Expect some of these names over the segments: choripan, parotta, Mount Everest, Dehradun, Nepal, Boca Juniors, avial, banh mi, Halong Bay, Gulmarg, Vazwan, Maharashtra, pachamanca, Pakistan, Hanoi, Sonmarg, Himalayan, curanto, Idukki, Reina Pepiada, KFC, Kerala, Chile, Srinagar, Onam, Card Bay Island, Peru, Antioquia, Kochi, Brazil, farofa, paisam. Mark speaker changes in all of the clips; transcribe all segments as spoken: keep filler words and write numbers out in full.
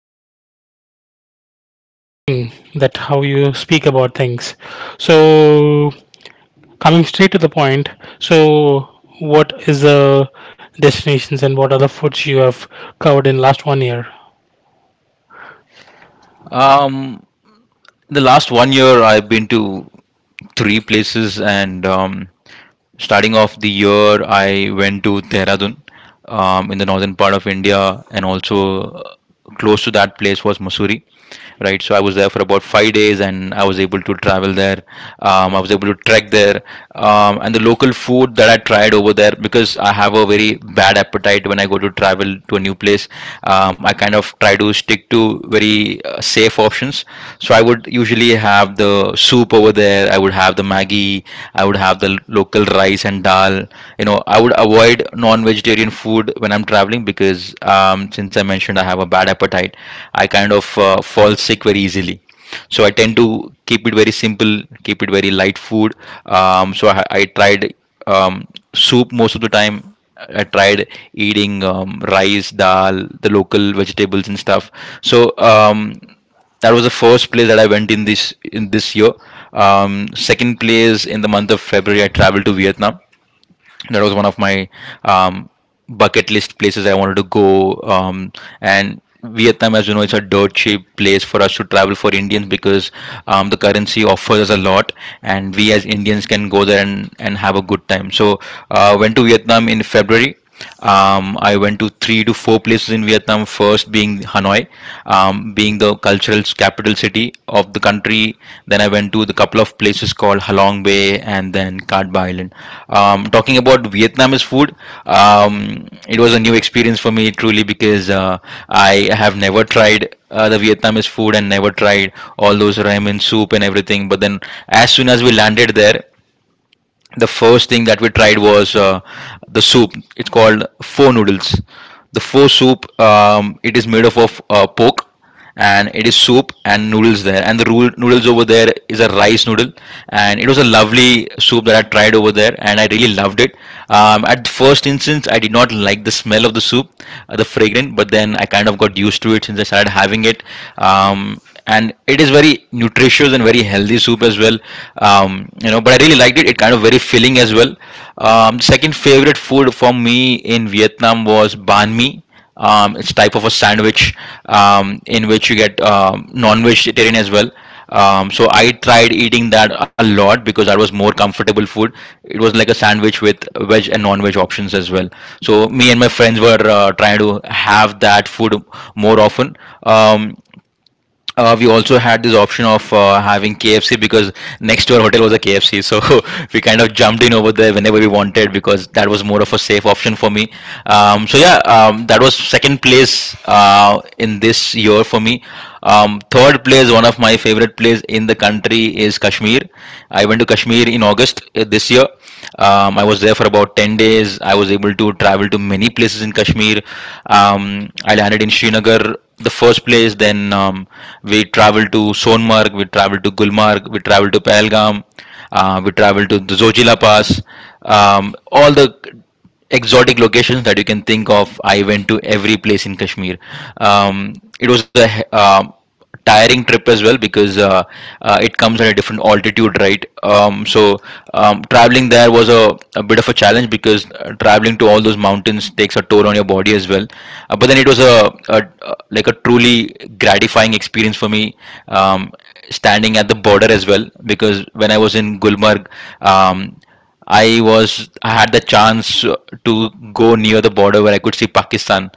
Speaker 1: very exciting that how you speak about things. So coming straight to the point, so what is the destinations and what are the foods you have covered in last one year?
Speaker 2: Um, In the last one year I've been to three places and um, starting off the year I went to Dehradun um, in the northern part of India and also uh, close to that place was Mussoorie. Right, so I was there for about five days and I was able to travel there. um, I was able to trek there um, and the local food that I tried over there, because I have a very bad appetite when I go to travel to a new place, um, I kind of try to stick to very uh, safe options. So I would usually have the soup over there. I would have the Maggi. I would have the local rice and dal. You know, I would avoid non-vegetarian food when I'm traveling because, um, since I mentioned I have a bad appetite, I kind of uh, fall sick very easily. So I tend to keep it very simple, keep it very light food. Um, so I, I tried um, soup most of the time. I tried eating um, rice, dal, the local vegetables and stuff. So um, that was the first place that I went in this in this year. Um, second place, in the month of February, I traveled to Vietnam. That was one of my um, bucket list places I wanted to go. Um, and Vietnam, as you know, it's a dirt cheap place for us to travel for Indians because um, the currency offers us a lot, and we as Indians can go there and, and have a good time. So, uh, went to Vietnam in February. um, I went to three to four places in Vietnam. First being Hanoi, um, being the cultural capital city of the country. Then I went to the couple of places called Halong Bay and then Card Bay Island. Um, talking about Vietnamese food, um, it was a new experience for me truly because uh, I have never tried uh, the Vietnamese food and never tried all those ramen soup and everything. But then, as soon as we landed there, the first thing that we tried was uh, the soup. It's called pho noodles. The pho soup. Um, it is made up of uh, pork, and it is soup and noodles there. And the rule, noodles over there is a rice noodle, and it was a lovely soup that I tried over there, and I really loved it. Um, at the first instance, I did not like the smell of the soup, uh, the fragrance, but then I kind of got used to it since I started having it. Um, and it is very nutritious and very healthy soup as well. um, you know but I really liked it. It kind of very filling as well. Um, second favorite food for me in Vietnam was banh mi. Um, it's type of a sandwich um, in which you get um, non-vegetarian as well. Um, so I tried eating that a lot because that was more comfortable food. It was like a sandwich with veg and non-veg options as well. So me and my friends were uh, trying to have that food more often. um, uh, we also had this option of uh, having K F C because next to our hotel was a K F C, so we kind of jumped in over there whenever we wanted because that was more of a safe option for me. Um, so yeah, um, that was second place uh, in this year for me. Um, third place, one of my favorite place in the country is Kashmir. I went to Kashmir in August uh, this year. Um, I was there for about ten days. I was able to travel to many places in Kashmir. Um, I landed in Srinagar, the first place. Then um, we traveled to Sonmarg, we traveled to Gulmarg, we traveled to Pahalgam, uh, we traveled to the Zojila Pass. Um, all the exotic locations that you can think of. I went to every place in Kashmir. Um, it was a um tiring trip as well because uh, uh, it comes at a different altitude, right? Um, so um, traveling there was a, a bit of a challenge because uh, traveling to all those mountains takes a toll on your body as well. Uh, but then it was a, a, a like a truly gratifying experience for me. Um, Standing at the border as well, because when I was in Gulmarg, um, I was I had the chance to go near the border where I could see Pakistan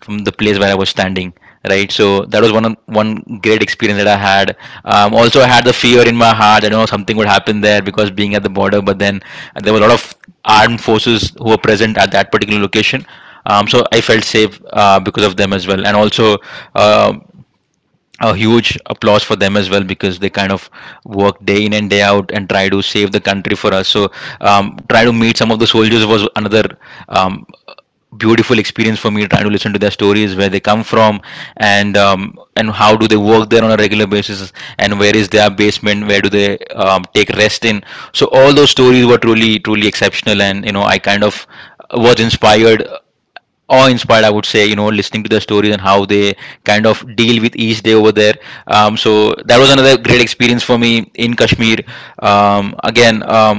Speaker 2: from the place where I was standing. Right, so that was one of- one great experience that I had. Um, also, I had the fear in my heart that you know something would happen there because being at the border. But then there were a lot of armed forces who were present at that particular location. Um, so I felt safe uh, because of them as well. And also, um a huge applause for them as well because they kind of work day in and day out and try to save the country for us. So um, try to meet some of the soldiers was another um, beautiful experience for me, trying to listen to their stories, where they come from and um, and how do they work there on a regular basis and where is their basement, where do they um, take rest in. So all those stories were truly truly exceptional, and you know, I kind of was inspired, awe inspired, I would say, you know, listening to their stories and how they kind of deal with each day over there. Um, so that was another great experience for me in Kashmir. Um, again um,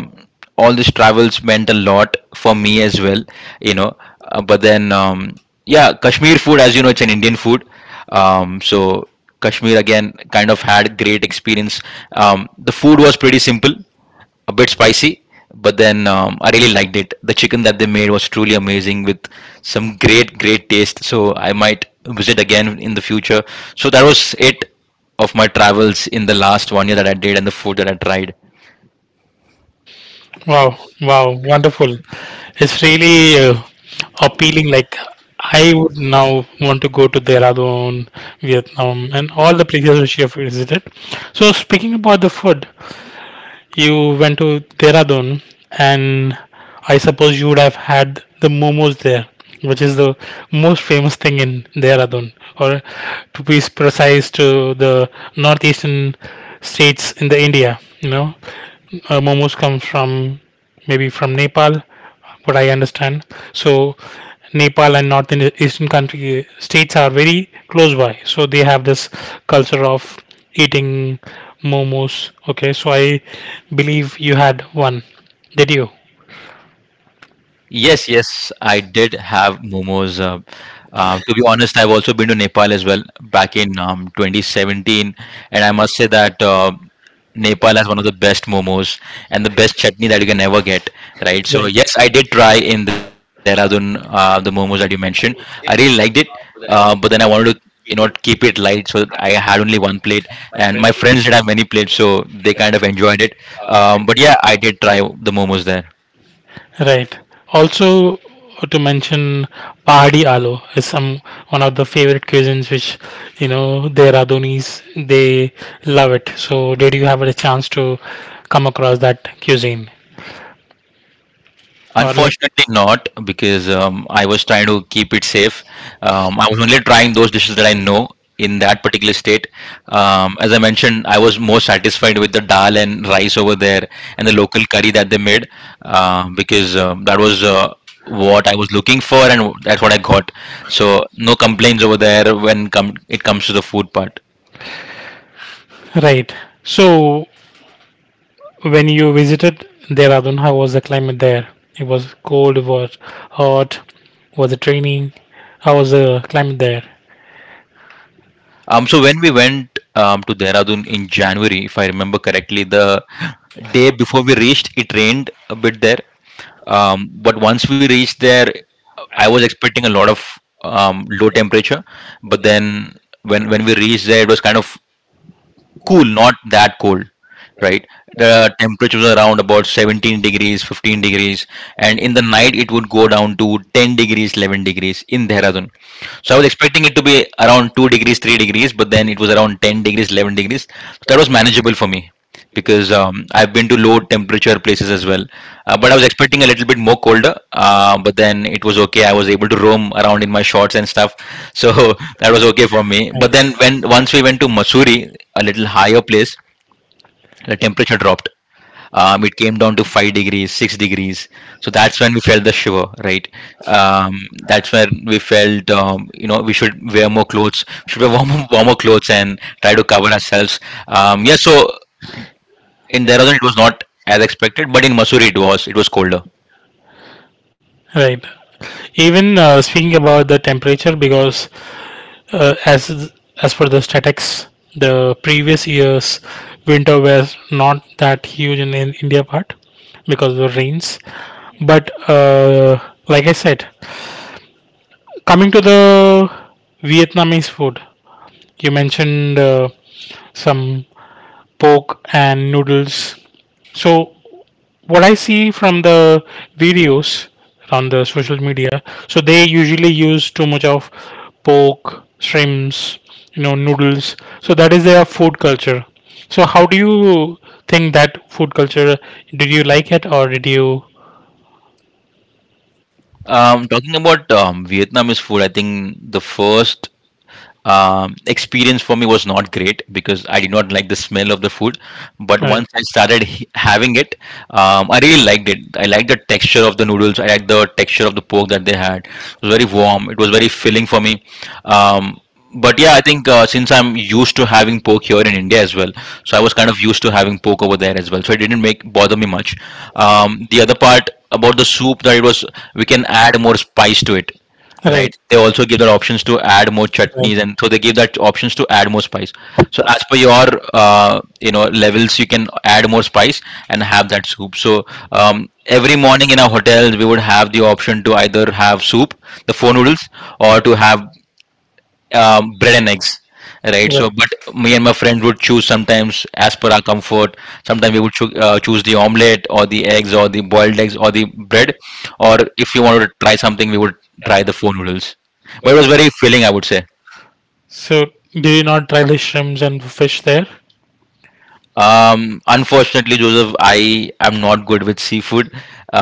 Speaker 2: All these travels meant a lot for me as well, you know. Uh, but then um, Yeah, Kashmir food, as you know, it's an Indian food. um, so Kashmir again kind of had great experience. Um, the food was pretty simple, a bit spicy, but then um, I really liked it. The chicken that they made was truly amazing with some great, great taste. So I might visit again in the future. So that was it of my travels in the last one year that I did and the food that I tried.
Speaker 1: Wow, wow, wonderful. It's really uh, appealing. Like I would now want to go to Dehradun, Vietnam, and all the places which you have visited. So speaking about the food, you went to Dehradun, and I suppose you would have had the momos there, which is the most famous thing in Dehradun, or to be precise, to the northeastern states in the India. You know, uh, momos come from maybe from Nepal, what I understand. So Nepal and North Indi- Eastern country states are very close by, so they have this culture of eating momos. Okay, so I believe you had one. Did you?
Speaker 2: Yes, yes, I did have momos. Uh, uh, to be honest, I've also been to Nepal as well back in um, twenty seventeen, and I must say that uh, Nepal has one of the best momos and the best chutney that you can ever get, right? So
Speaker 1: Right.
Speaker 2: yes, I did try in Dehradun uh, the momos that you mentioned. I really liked it, uh, but then I wanted to you know keep it light, so I had only one plate, and my friends did have many plates, so they kind of enjoyed it. Um, but yeah, I did try the momos there.
Speaker 1: Right. Also, to mention Pahadi Aloo is some one of the favorite cuisines which you know their Adonis they love it. So, did you have a chance to come across that cuisine or like it?
Speaker 2: Unfortunately, not, because um, I was trying to keep it safe. Um, I was only trying those dishes that I know in that particular state. Um, as I mentioned, I was more satisfied with the dal and rice over there and the local curry that they made uh, because um, that was. Uh, what I was looking for, and that's what I got. So no complaints over there when com- it comes to the food part.
Speaker 1: Right. So, when you visited Dehradun, how was the climate there? It was cold, it was hot, was it raining? How was the climate there?
Speaker 2: Um, so when we went um, to Dehradun in January, if I remember correctly, the day before we reached, it rained a bit there. Um, but once we reached there, I was expecting a lot of um, low temperature. But then when when we reached there, it was kind of cool, not that cold, right? The temperature was around about seventeen degrees, fifteen degrees, and in the night it would go down to ten degrees, eleven degrees in Dehradun. So I was expecting it to be around two degrees, three degrees, but then it was around ten degrees, eleven degrees. So that was manageable for me because um, I've been to low temperature places as well. Uh, but I was expecting a little bit more colder, uh, but then it was okay. I was able to roam around in my shorts and stuff. So that was okay for me. But
Speaker 1: Nice.
Speaker 2: then when once we went to Masuri, a little higher place, the temperature dropped, um, it came down to five degrees, six degrees. So that's when we felt the shiver, right? Um, that's when we felt, um, you know we should wear more clothes, we should wear warmer, warmer clothes and try to cover ourselves. Um, yeah, so in Dehradun it was not as expected, but in Mussoorie it was, it was colder.
Speaker 1: Right. Even uh, speaking about the temperature, because uh, as as per the statics, the previous year's winter was not that huge in, in India part because of the rains. But uh, like I said, coming to the Vietnamese food, you mentioned uh, some pork and noodles. So what I see from the videos on the social media, so they usually use too much of pork, shrimps, you know, noodles. So that is their food culture. So how do you think that food culture? Did you like it or did you?
Speaker 2: Um, talking about um, Vietnamese food, I think the first um, experience for me was not great because I did not like the smell of the food. But
Speaker 1: Right,
Speaker 2: once I started h- having it, um, I really liked it. I liked the texture of the noodles. I liked the texture of the pork that they had. It was very warm. It was very filling for me. Um, but yeah, I think uh, since I'm used to having pork here in India as well, so I was kind of used to having pork over there as well. So it didn't make bother me much. Um, the other part about the soup, that it was, we can add more spice to it,
Speaker 1: right,
Speaker 2: right? They also give that options to add more
Speaker 1: right.
Speaker 2: chutneys, and so they give that options to add more spice. So as per your uh, you know levels, you can add more spice and have that soup. So um, every morning in our hotels we would have the option to either have soup, the four noodles, or to have um, bread and eggs, right?
Speaker 1: Right.
Speaker 2: So but me and my friends would choose sometimes as per our comfort. Sometimes we would choo- uh, choose the omelette or the eggs or the boiled eggs or the bread, or if you wanted to try something we would try the four noodles. But it was very filling, I would say.
Speaker 1: So do you not try the shrimps and fish there?
Speaker 2: Um unfortunately, Joseph, I am not good with seafood.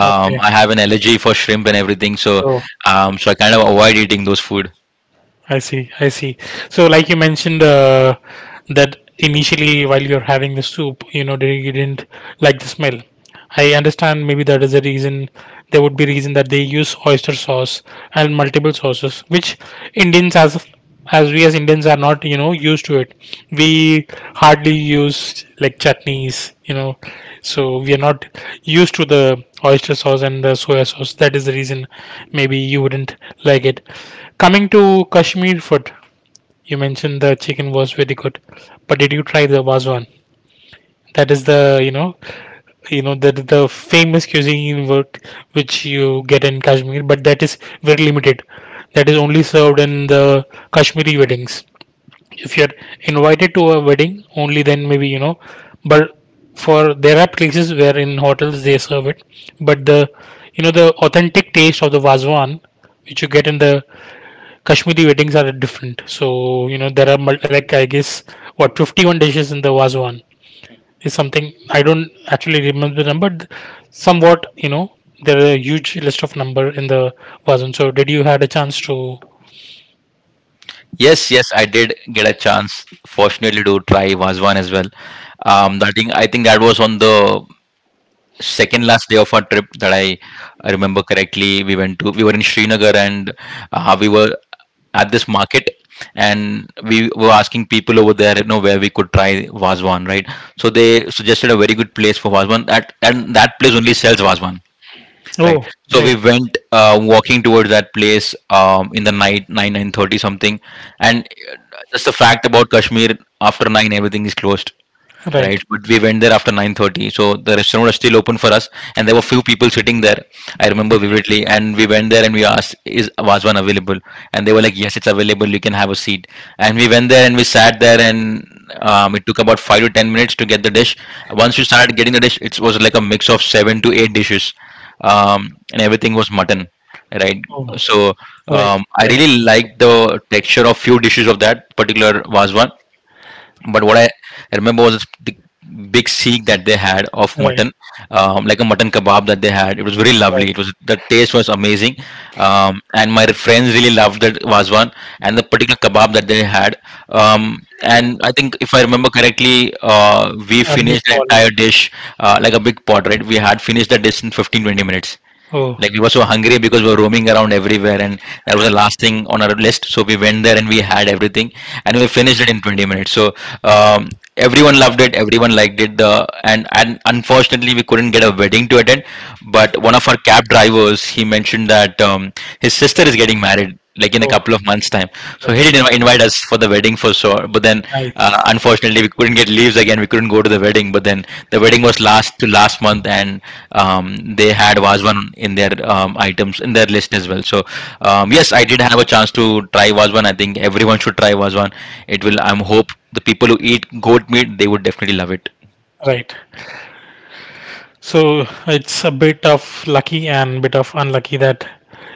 Speaker 1: Okay.
Speaker 2: I have an allergy for shrimp and everything, so
Speaker 1: Okay.
Speaker 2: um so I kind of avoid eating those food.
Speaker 1: I see, I see. So, like you mentioned, uh, that initially while you're having the soup, you know, they- you didn't like the smell. I understand maybe that is the reason. There would be reason that they use oyster sauce and multiple sauces, which Indians as as we as Indians are not you know used to it. We hardly use like chutneys, you know, so we are not used to the oyster sauce and the soya sauce. That is the reason maybe you wouldn't like it. Coming to Kashmir food, you mentioned the chicken was very good, but did you try the wazwan? That is the you know you know the the famous cuisine work which you get in Kashmir, but that is very limited. That is only served in the Kashmiri weddings if you're invited to a wedding only then maybe you know but for there are places where in hotels they serve it but the you know the authentic taste of the wazwan which you get in the kashmiri weddings are different so you know there are mul- like I guess what fifty-one dishes in the wazwan is something I don't actually remember the number but somewhat you know there are a huge list of number in the wazwan so did you had a chance to.
Speaker 2: Yes, yes, I did get a chance, fortunately, to try Vazwan as well. Um, I think I think that was on the second last day of our trip that I, I remember correctly. We went to We were in Srinagar and uh, we were at this market, and we were asking people over there, you know, where we could try Vazwan, right? So they suggested a very good place for Vazwan. That and that place only sells Vazwan, right?
Speaker 1: Oh,
Speaker 2: So
Speaker 1: right.
Speaker 2: we went uh, walking towards that place um, in the night, 9, nine thirty something. And uh, just the fact about Kashmir, after nine everything is closed,
Speaker 1: Right.
Speaker 2: right? But we went there after nine thirty, so the restaurant was still open for us, and there were few people sitting there. I remember vividly, and we went there and we asked, "Is Vazwan available?" And they were like, "Yes, it's available. You can have a seat." And we went there and we sat there, and um, it took about five to ten minutes to get the dish. Once we started getting the dish, it was like a mix of seven to eight dishes, um, and everything was mutton. Right,
Speaker 1: Oh,
Speaker 2: so
Speaker 1: right,
Speaker 2: um, I
Speaker 1: uh, right,
Speaker 2: really liked the texture of few dishes of that particular Vazwan, but what I remember was the big seek that they had of
Speaker 1: right.
Speaker 2: mutton, um, like a mutton kebab that they had. It was very
Speaker 1: Right,
Speaker 2: lovely. It was, the taste was amazing, um, and my friends really loved that one and the particular kebab that they had. Um, and I think if I remember correctly, uh, we
Speaker 1: a
Speaker 2: finished the
Speaker 1: meatball.
Speaker 2: entire dish, uh, like a big pot, right? We had finished the dish in fifteen twenty minutes.
Speaker 1: Oh.
Speaker 2: Like, we were so hungry because we were roaming around everywhere, and that was the last thing on our list. So we went there and we had everything, and we finished it in twenty minutes. So um, everyone loved it, everyone liked it. The and and unfortunately we couldn't get a wedding to attend, but one of our cab drivers, he mentioned that um, his sister is getting married like in a
Speaker 1: Oh,
Speaker 2: couple of months time. So he did inv-
Speaker 1: right.
Speaker 2: invite us for the wedding for sure, but then
Speaker 1: Nice,
Speaker 2: uh, unfortunately we couldn't get leaves, again we couldn't go to the wedding. But then the wedding was last to last month, and um, they had Vazwan in their um, items in their list as well. So um, yes, I did have a chance to try Vazwan. I think everyone should try Vazwan. It will, I'm hope the people who eat goat meat, they would definitely love it.
Speaker 1: right. So it's a bit of lucky and bit of unlucky that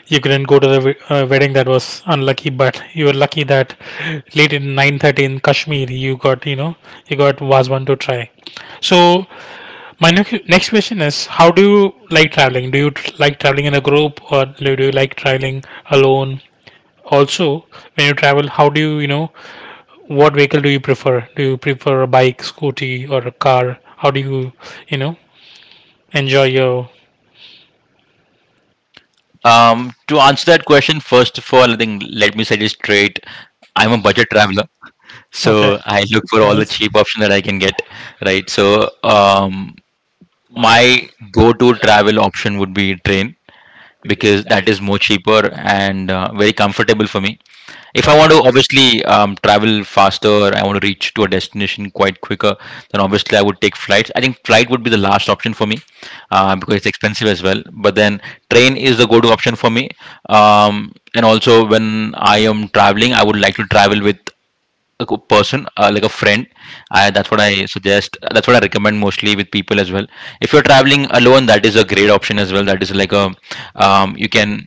Speaker 1: you couldn't go to the we- uh, wedding that was unlucky, but you were lucky that late in nine thirty in Kashmir you got, you know, you got Wazwan to try. So my nec- next question is, how do you like traveling? Do you tr- like traveling in a group or do do you like traveling alone? Also, when you travel, how do you, you know, what vehicle do you prefer? Do you prefer a bike, scooty, or a car? How do you, you know, enjoy your.
Speaker 2: Um, to answer that question, first of all, I think let me set it straight. I'm a budget traveler,
Speaker 1: Okay.
Speaker 2: so I look for
Speaker 1: So
Speaker 2: all the
Speaker 1: nice.
Speaker 2: cheap option that I can get. Right. So um, my go-to travel option would be train, because that is more cheaper and uh, very comfortable for me. If I want to obviously um, travel faster, I want to reach to a destination quite quicker, then obviously I would take flights. I think flight would be the last option for me, uh, because it's expensive as well. But then train is the go-to option for me. Um, and also when I am traveling, I would like to travel with a co- person, uh, like a friend. I, that's what I suggest, that's what I recommend mostly with people as well. If you're traveling alone, that is a great option as well. That is like a, um, you can,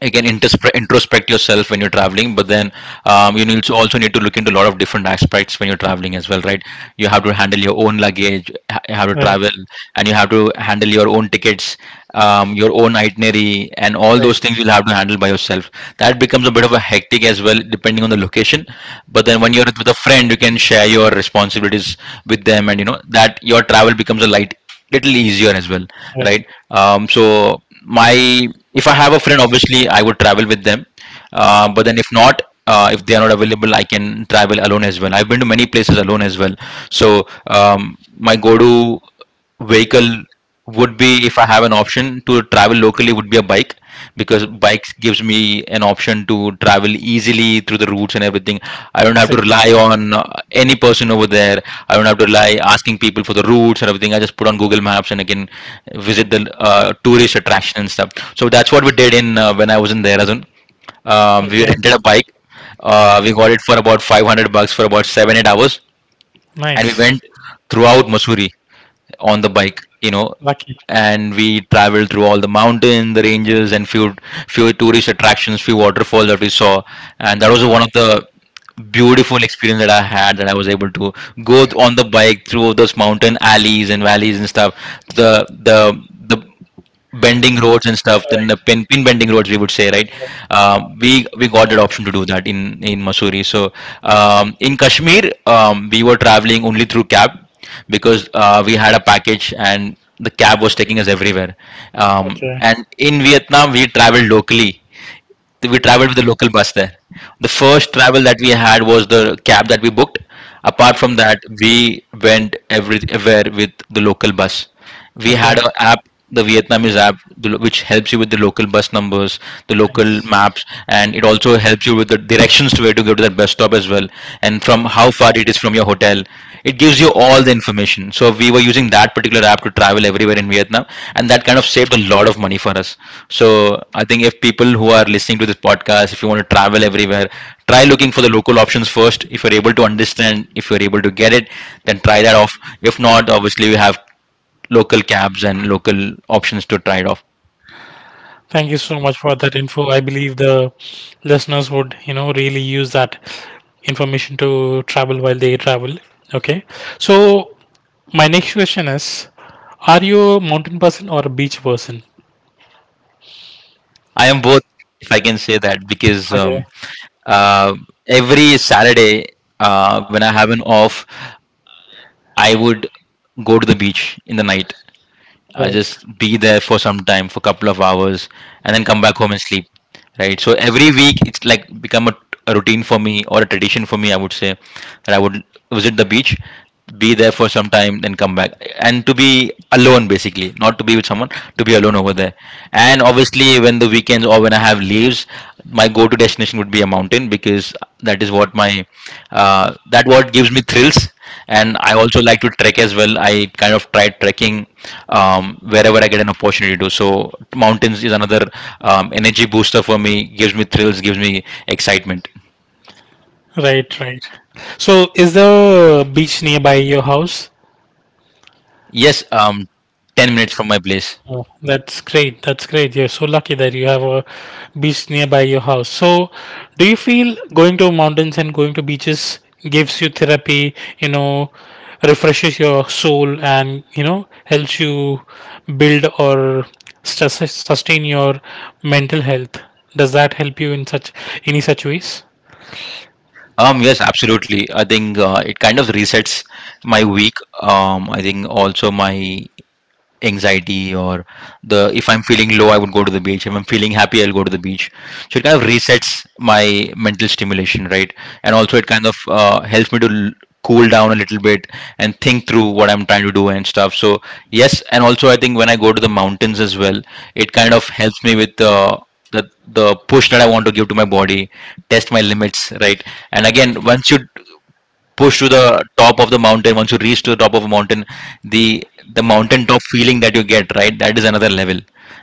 Speaker 2: you can introspect, introspect yourself when you're traveling. But then um, you need to also need to look into a lot of different aspects when you're traveling as well, right? You have to handle your own luggage, ha- you have to
Speaker 1: Right.
Speaker 2: travel, and you have to handle your own tickets, um, your own itinerary, and all
Speaker 1: Right.
Speaker 2: those things you'll have to handle by yourself. That becomes a bit of a hectic as well, depending on the location. But then when you're with a friend, you can share your responsibilities with them, and you know that your travel becomes a light, little easier as well,
Speaker 1: Right.
Speaker 2: right? Um, so my, if I have a friend, obviously I would travel with them. Uh, but then if not, uh, if they are not available, I can travel alone as well. I've been to many places alone as well. So um, my go-to vehicle would be, if I have an option to travel locally, would be a bike, because bikes gives me an option to travel easily through the routes and everything. I don't have to
Speaker 1: Exactly.
Speaker 2: rely on uh, any person over there. I don't have to rely asking people for the routes and everything. I just put on Google Maps and I can visit the uh, tourist attraction and stuff. So that's what we did in uh, when I was in Dehradun. Um, we
Speaker 1: Okay. And
Speaker 2: rented a bike, uh, we got it for about five hundred bucks for about seven eight hours, and we went throughout Missouri on the bike, you know.
Speaker 1: lucky.
Speaker 2: And we traveled through all the mountain the ranges and few few tourist attractions, few waterfalls that we saw. And that was one of the beautiful experience that I had, that I was able to go th- on the bike through those mountain alleys and valleys and stuff, the the the bending roads and stuff, then the pin, pin bending roads we would say, right? um, we we got that option to do that in in Missouri. So um, in Kashmir, um, we were traveling only through cab, because uh, we had a package and the cab was taking us everywhere. Um,
Speaker 1: Okay.
Speaker 2: and in Vietnam we traveled locally, we traveled with the local bus there. The first travel that we had was the cab that we booked. Apart from that, we went everywhere with the local bus. We had an app, the Vietnamese app, the lo- which helps you with the local bus numbers, the local maps, and it also helps you with the directions to where to go to that bus stop as well. And from how far it is from your hotel. It gives you all the information. So we were using that particular app to travel everywhere in Vietnam, and that kind of saved a lot of money for us. So I think if people who are listening to this podcast, if you want to travel everywhere, try looking for the local options first. If you're able to understand, if you're able to get it, then try that off. If not, obviously you have local cabs and local options to try it off.
Speaker 1: Thank you so much for that info. I believe the listeners would, you know, really use that information to travel while they travel. Okay. So my next question is, are you a mountain person or a beach person?
Speaker 2: I am both, if I can say that, because
Speaker 1: Okay.
Speaker 2: um, uh, every Saturday uh, when I have an off, I would go to the beach in the night. I
Speaker 1: Right.
Speaker 2: just be there for some time, for a couple of hours, and then come back home and sleep. Right. So every week, it's like become a, a routine for me or a tradition for me. I would say that I would visit the beach, be there for some time, then come back, and to be alone basically, not to be with someone, to be alone over there. And obviously, when the weekends or when I have leaves, my go-to destination would be a mountain because that is what my uh, that what gives me thrills. And I also like to trek as well. I kind of try trekking um, wherever I get an opportunity to. So mountains is another um, energy booster for me, gives me thrills, gives me excitement.
Speaker 1: Right. Right. So is the beach nearby your house?
Speaker 2: Yes, um, ten minutes from my place.
Speaker 1: Oh, that's great. That's great. You're so lucky that you have a beach nearby your house. So, do you feel going to mountains and going to beaches gives you therapy, you know, refreshes your soul and, you know, helps you build or sus- sustain your mental health? Does that help you in such any such ways?
Speaker 2: Um yes, absolutely. I think uh, it kind of resets my week. um I think also my anxiety, or the, if I'm feeling low, I would go to the beach. If I'm feeling happy, I'll go to the beach. So it kind of resets my mental stimulation, right? And also, it kind of uh, helps me to l- cool down a little bit and think through what I'm trying to do and stuff. So yes. And also, I think when I go to the mountains as well, it kind of helps me with uh, the the push that I want to give to my body, test my limits, right? And again, once you push to the top of the mountain, once you reach to the top of a mountain, the the mountain top feeling that you get, right, that is another level.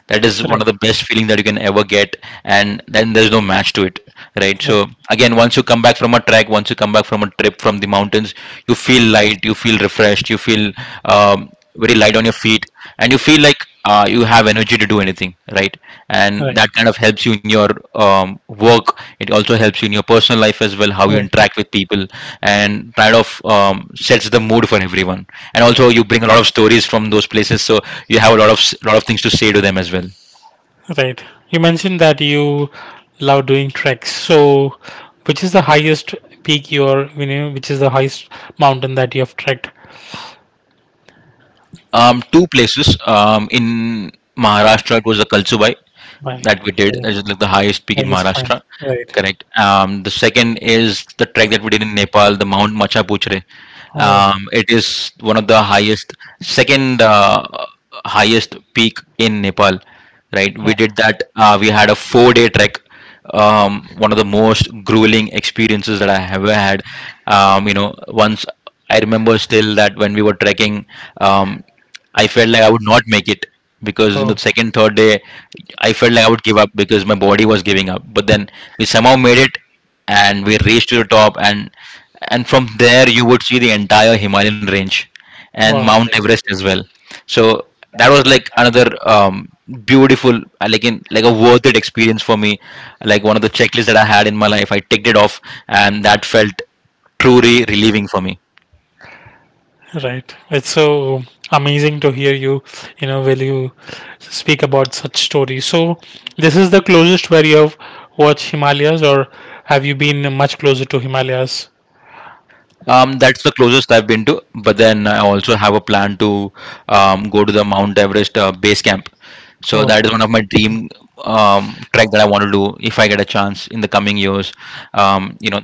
Speaker 2: That is one of
Speaker 1: Right.
Speaker 2: the best feeling that you can ever get, and then there's no match to it, right?
Speaker 1: Right.
Speaker 2: So again, once you come back from a trek, once you come back from a trip from the mountains, you feel light, you feel refreshed, you feel um, very light on your feet. And you feel like uh, you have energy to do anything, right? And
Speaker 1: Right.
Speaker 2: that kind of helps you in your um, work. It also helps you in your personal life as well, how you
Speaker 1: Right.
Speaker 2: interact with people, and kind of um, sets the mood for everyone. And also, you bring a lot of stories from those places, so you have a lot of s- lot of things to say to them as well.
Speaker 1: Right. You mentioned that you love doing treks. So, which is the highest peak you are, you know, which is the highest mountain that you have trekked
Speaker 2: Um, two places. Um, in Maharashtra, it was the Kalsubai
Speaker 1: by?
Speaker 2: that we did. That is like the highest peak in
Speaker 1: Highest point.
Speaker 2: Maharashtra.
Speaker 1: Right.
Speaker 2: Correct. Um, the second is the trek that we did in Nepal, the Mount Machapuchre.
Speaker 1: Oh,
Speaker 2: Um, it is one of the highest, second uh, highest peak in Nepal. Right, we did that. Uh, we had a four day trek, um, one of the most grueling experiences that I have ever had. Um, you know, once, I remember still that when we were trekking, um, I felt like I would not make it because in the second third day I felt like I would give up because my body was giving up. But then we somehow made it, and we reached to the top, and and from there you would see the entire Himalayan range and Mount Everest as well. So that was like another um, beautiful, uh, like, in like a worth it experience for me. Like one of the checklists that I had in my life, I ticked it off, and that felt truly relieving for me.
Speaker 1: right. It's so amazing to hear you, you know, when you speak about such stories. So, this is the closest where you have watched Himalayas, or have you been much closer to Himalayas?
Speaker 2: Um, that's the closest I've been to. But then I also have a plan to um, go to the Mount Everest uh, base camp. So
Speaker 1: Oh,
Speaker 2: that is one of my dream um, trek that I want to do if I get a chance in the coming years. Um, you know,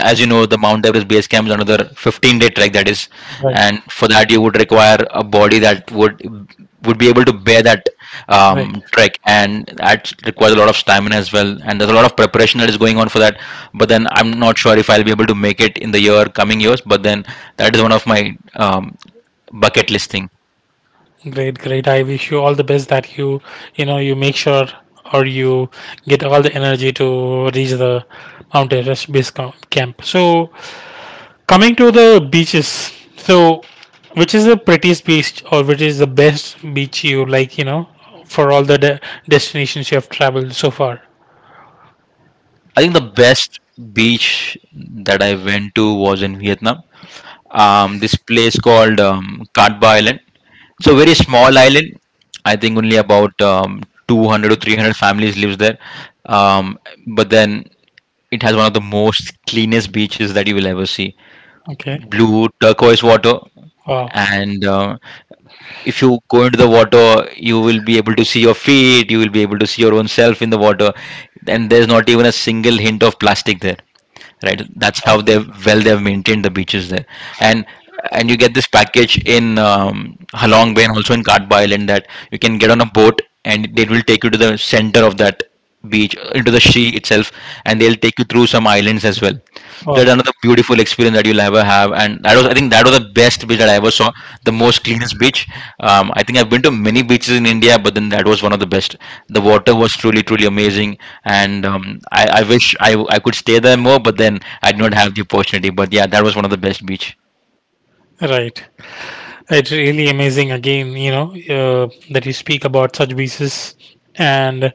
Speaker 2: as you know, the Mount Everest base camp is another 15-day trek that is,
Speaker 1: right,
Speaker 2: and for that you would require a body that would would be able to bear that
Speaker 1: right.
Speaker 2: um, trek. And that requires a lot of stamina as well. And there's a lot of preparation that is going on for that. But then I'm not sure if I'll be able to make it in the year coming years. But then that is one of my um, bucket list thing.
Speaker 1: Great, great. I wish you all the best that you, you know, you make sure or you get all the energy to reach the Mount Everest base com- camp. So, coming to the beaches, so which is the prettiest beach or which is the best beach you like, you know, for all the de- destinations you have traveled so far?
Speaker 2: I think the best beach that I went to was in Vietnam. Um, this place called um, Katba Island. It's a very small island. I think only about um, two hundred to three hundred families lives there. Um, but then it has one of the most cleanest beaches that you will ever see.
Speaker 1: Okay.
Speaker 2: Blue turquoise water,
Speaker 1: Wow.
Speaker 2: and uh, if you go into the water, you will be able to see your feet. You will be able to see your own self in the water, and there's not even a single hint of plastic there, right? That's how they, well, they have maintained the beaches there. And and you get this package in um, Halong Bay and also in Katba Island, that you can get on a boat and they will take you to the center of that beach, uh, into the sea itself, and they'll take you through some islands as well. That's
Speaker 1: Wow.
Speaker 2: another beautiful experience that you'll ever have, and that was, I think that was the best beach that I ever saw, the most cleanest beach. um, I think I've been to many beaches in India, but then that was one of the best. The water was truly truly amazing. And um, I, I wish I, I could stay there more, but then I did not have the opportunity. But yeah, that was one of the best beach.
Speaker 1: Right. It's really amazing again, you know, uh, that you speak about such pieces, and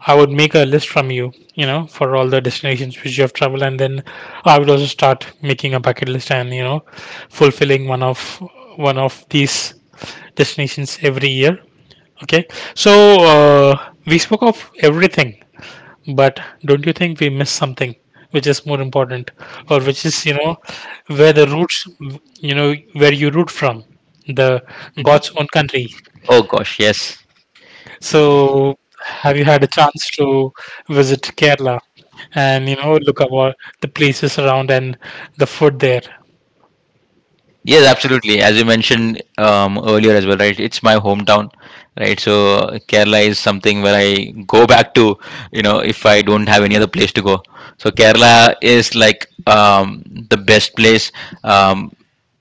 Speaker 1: I would make a list from you, you know, for all the destinations which you have traveled, and then I would also start making a bucket list and you know, fulfilling one of one of these destinations every year. Okay, so uh, we spoke of everything but don't you think we miss something which is more important, or which is you know where the roots, you know where you root from, the
Speaker 2: Mhm.
Speaker 1: God's own country.
Speaker 2: Oh gosh, yes.
Speaker 1: So have you had a chance to visit Kerala and you know look about the places around and the food there?
Speaker 2: Yes, absolutely. As you mentioned um, earlier as well, right? It's my hometown, right? So uh, Kerala is something where I go back to, you know, if I don't have any other place to go. So Kerala is like um, the best place. Um,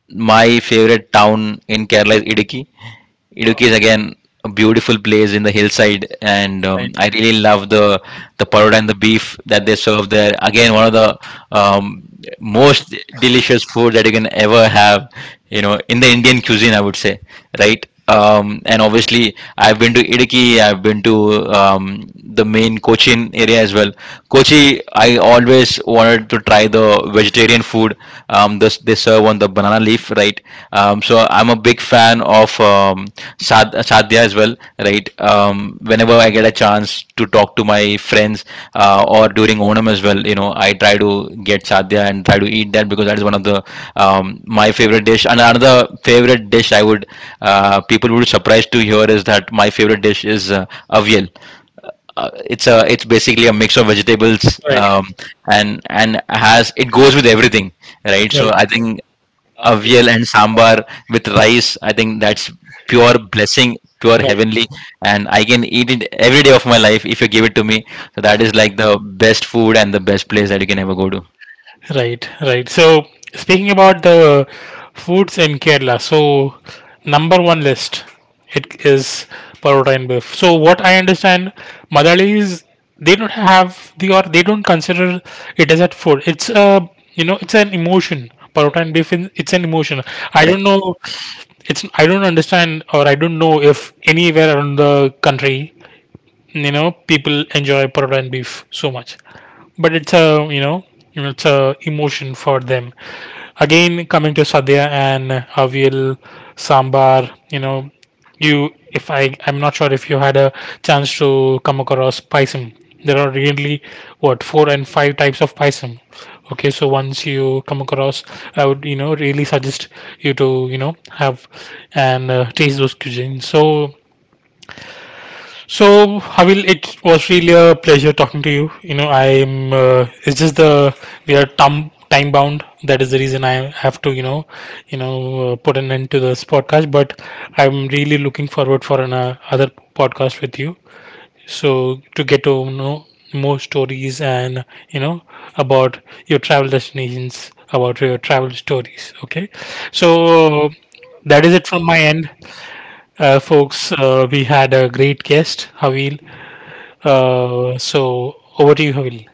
Speaker 2: my favorite town in Kerala is Idiki. Idukki is again a beautiful place in the hillside, and um,
Speaker 1: Right,
Speaker 2: I really love the the paroda and the beef that they serve there. Again, one of the um, most delicious food that you can ever have, you know, in the Indian cuisine, I would say, right? Um, and obviously, I've been to Idiki, I've been to um, the main Cochin area as well. Kochi, I always wanted to try the vegetarian food. Um, this they serve on the banana leaf, right? Um, so I'm a big fan of um, sad, sadhya as well, right? Um, whenever I get a chance to talk to my friends uh, or during Onam as well, you know, I try to get sadhya and try to eat that because that is one of the um, my favorite dish. And another favorite dish I would uh, people would be surprised to hear is that my favorite dish is uh, avial. uh, it's a it's basically a mix of vegetables,
Speaker 1: right,
Speaker 2: um, and and has it goes with everything, right? So
Speaker 1: right,
Speaker 2: I think avial and sambar with rice, I think that's pure blessing, pure
Speaker 1: right.
Speaker 2: heavenly, and I can eat it every day of my life if you give it to me. So that is like the best food and the best place that you can ever go to.
Speaker 1: Right, right. So speaking about the foods in Kerala, so number one list it is parotta and beef. So what I understand, Malayalis they don't have the or they don't consider it as a food. It's a you know it's an emotion. Parotta and beef in, it's an emotion. I don't know. It's I don't understand or I don't know if anywhere around the country you know people enjoy parola and beef so much but it's a you know you know it's a emotion for them. Again coming to sadhya and avial, sambar you know you if i I'm not sure if you had a chance to come across paisam. There are really what four and five types of paisam. Okay so once you come across I would you know really suggest you to you know have and uh, taste those cuisines. So so, Havil, it was really a pleasure talking to you. You know, I'm. Uh, it's just the we are time time bound. That is the reason I have to, you know, you know, uh, put an end to this podcast. But I'm really looking forward for another other podcast with you. So to get to know more stories and you know about your travel destinations, about your travel stories. Okay, so that is it from my end, uh, folks. Uh, we had a great guest, Havil. Uh, so over to you, Havil.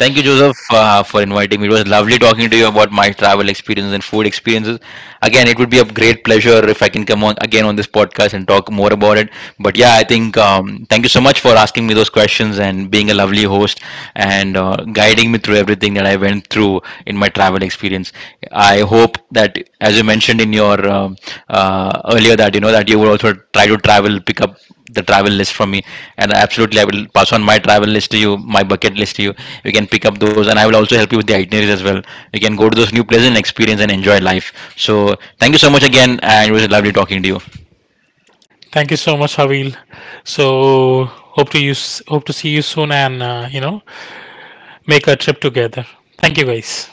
Speaker 2: Thank you, Joseph, uh, for inviting me. It was lovely talking to you about my travel experiences and food experiences. Again, it would be a great pleasure if I can come on again on this podcast and talk more about it. But yeah, I think um, thank you so much for asking me those questions and being a lovely host, and uh, guiding me through everything that I went through in my travel experience. I hope that, as you mentioned in your um uh, earlier, that you know that you would also try to travel, pick up the travel list from me. And absolutely, I will pass on my travel list to you, my bucket list to you. You can pick up those, and I will also help you with the itineraries as well. You can go to those new places and experience and enjoy life. So thank you so much again, and it was lovely talking to you.
Speaker 1: Thank you so much, Havil. So hope to you hope to see you soon, and uh, you know make a trip together. Thank you, guys.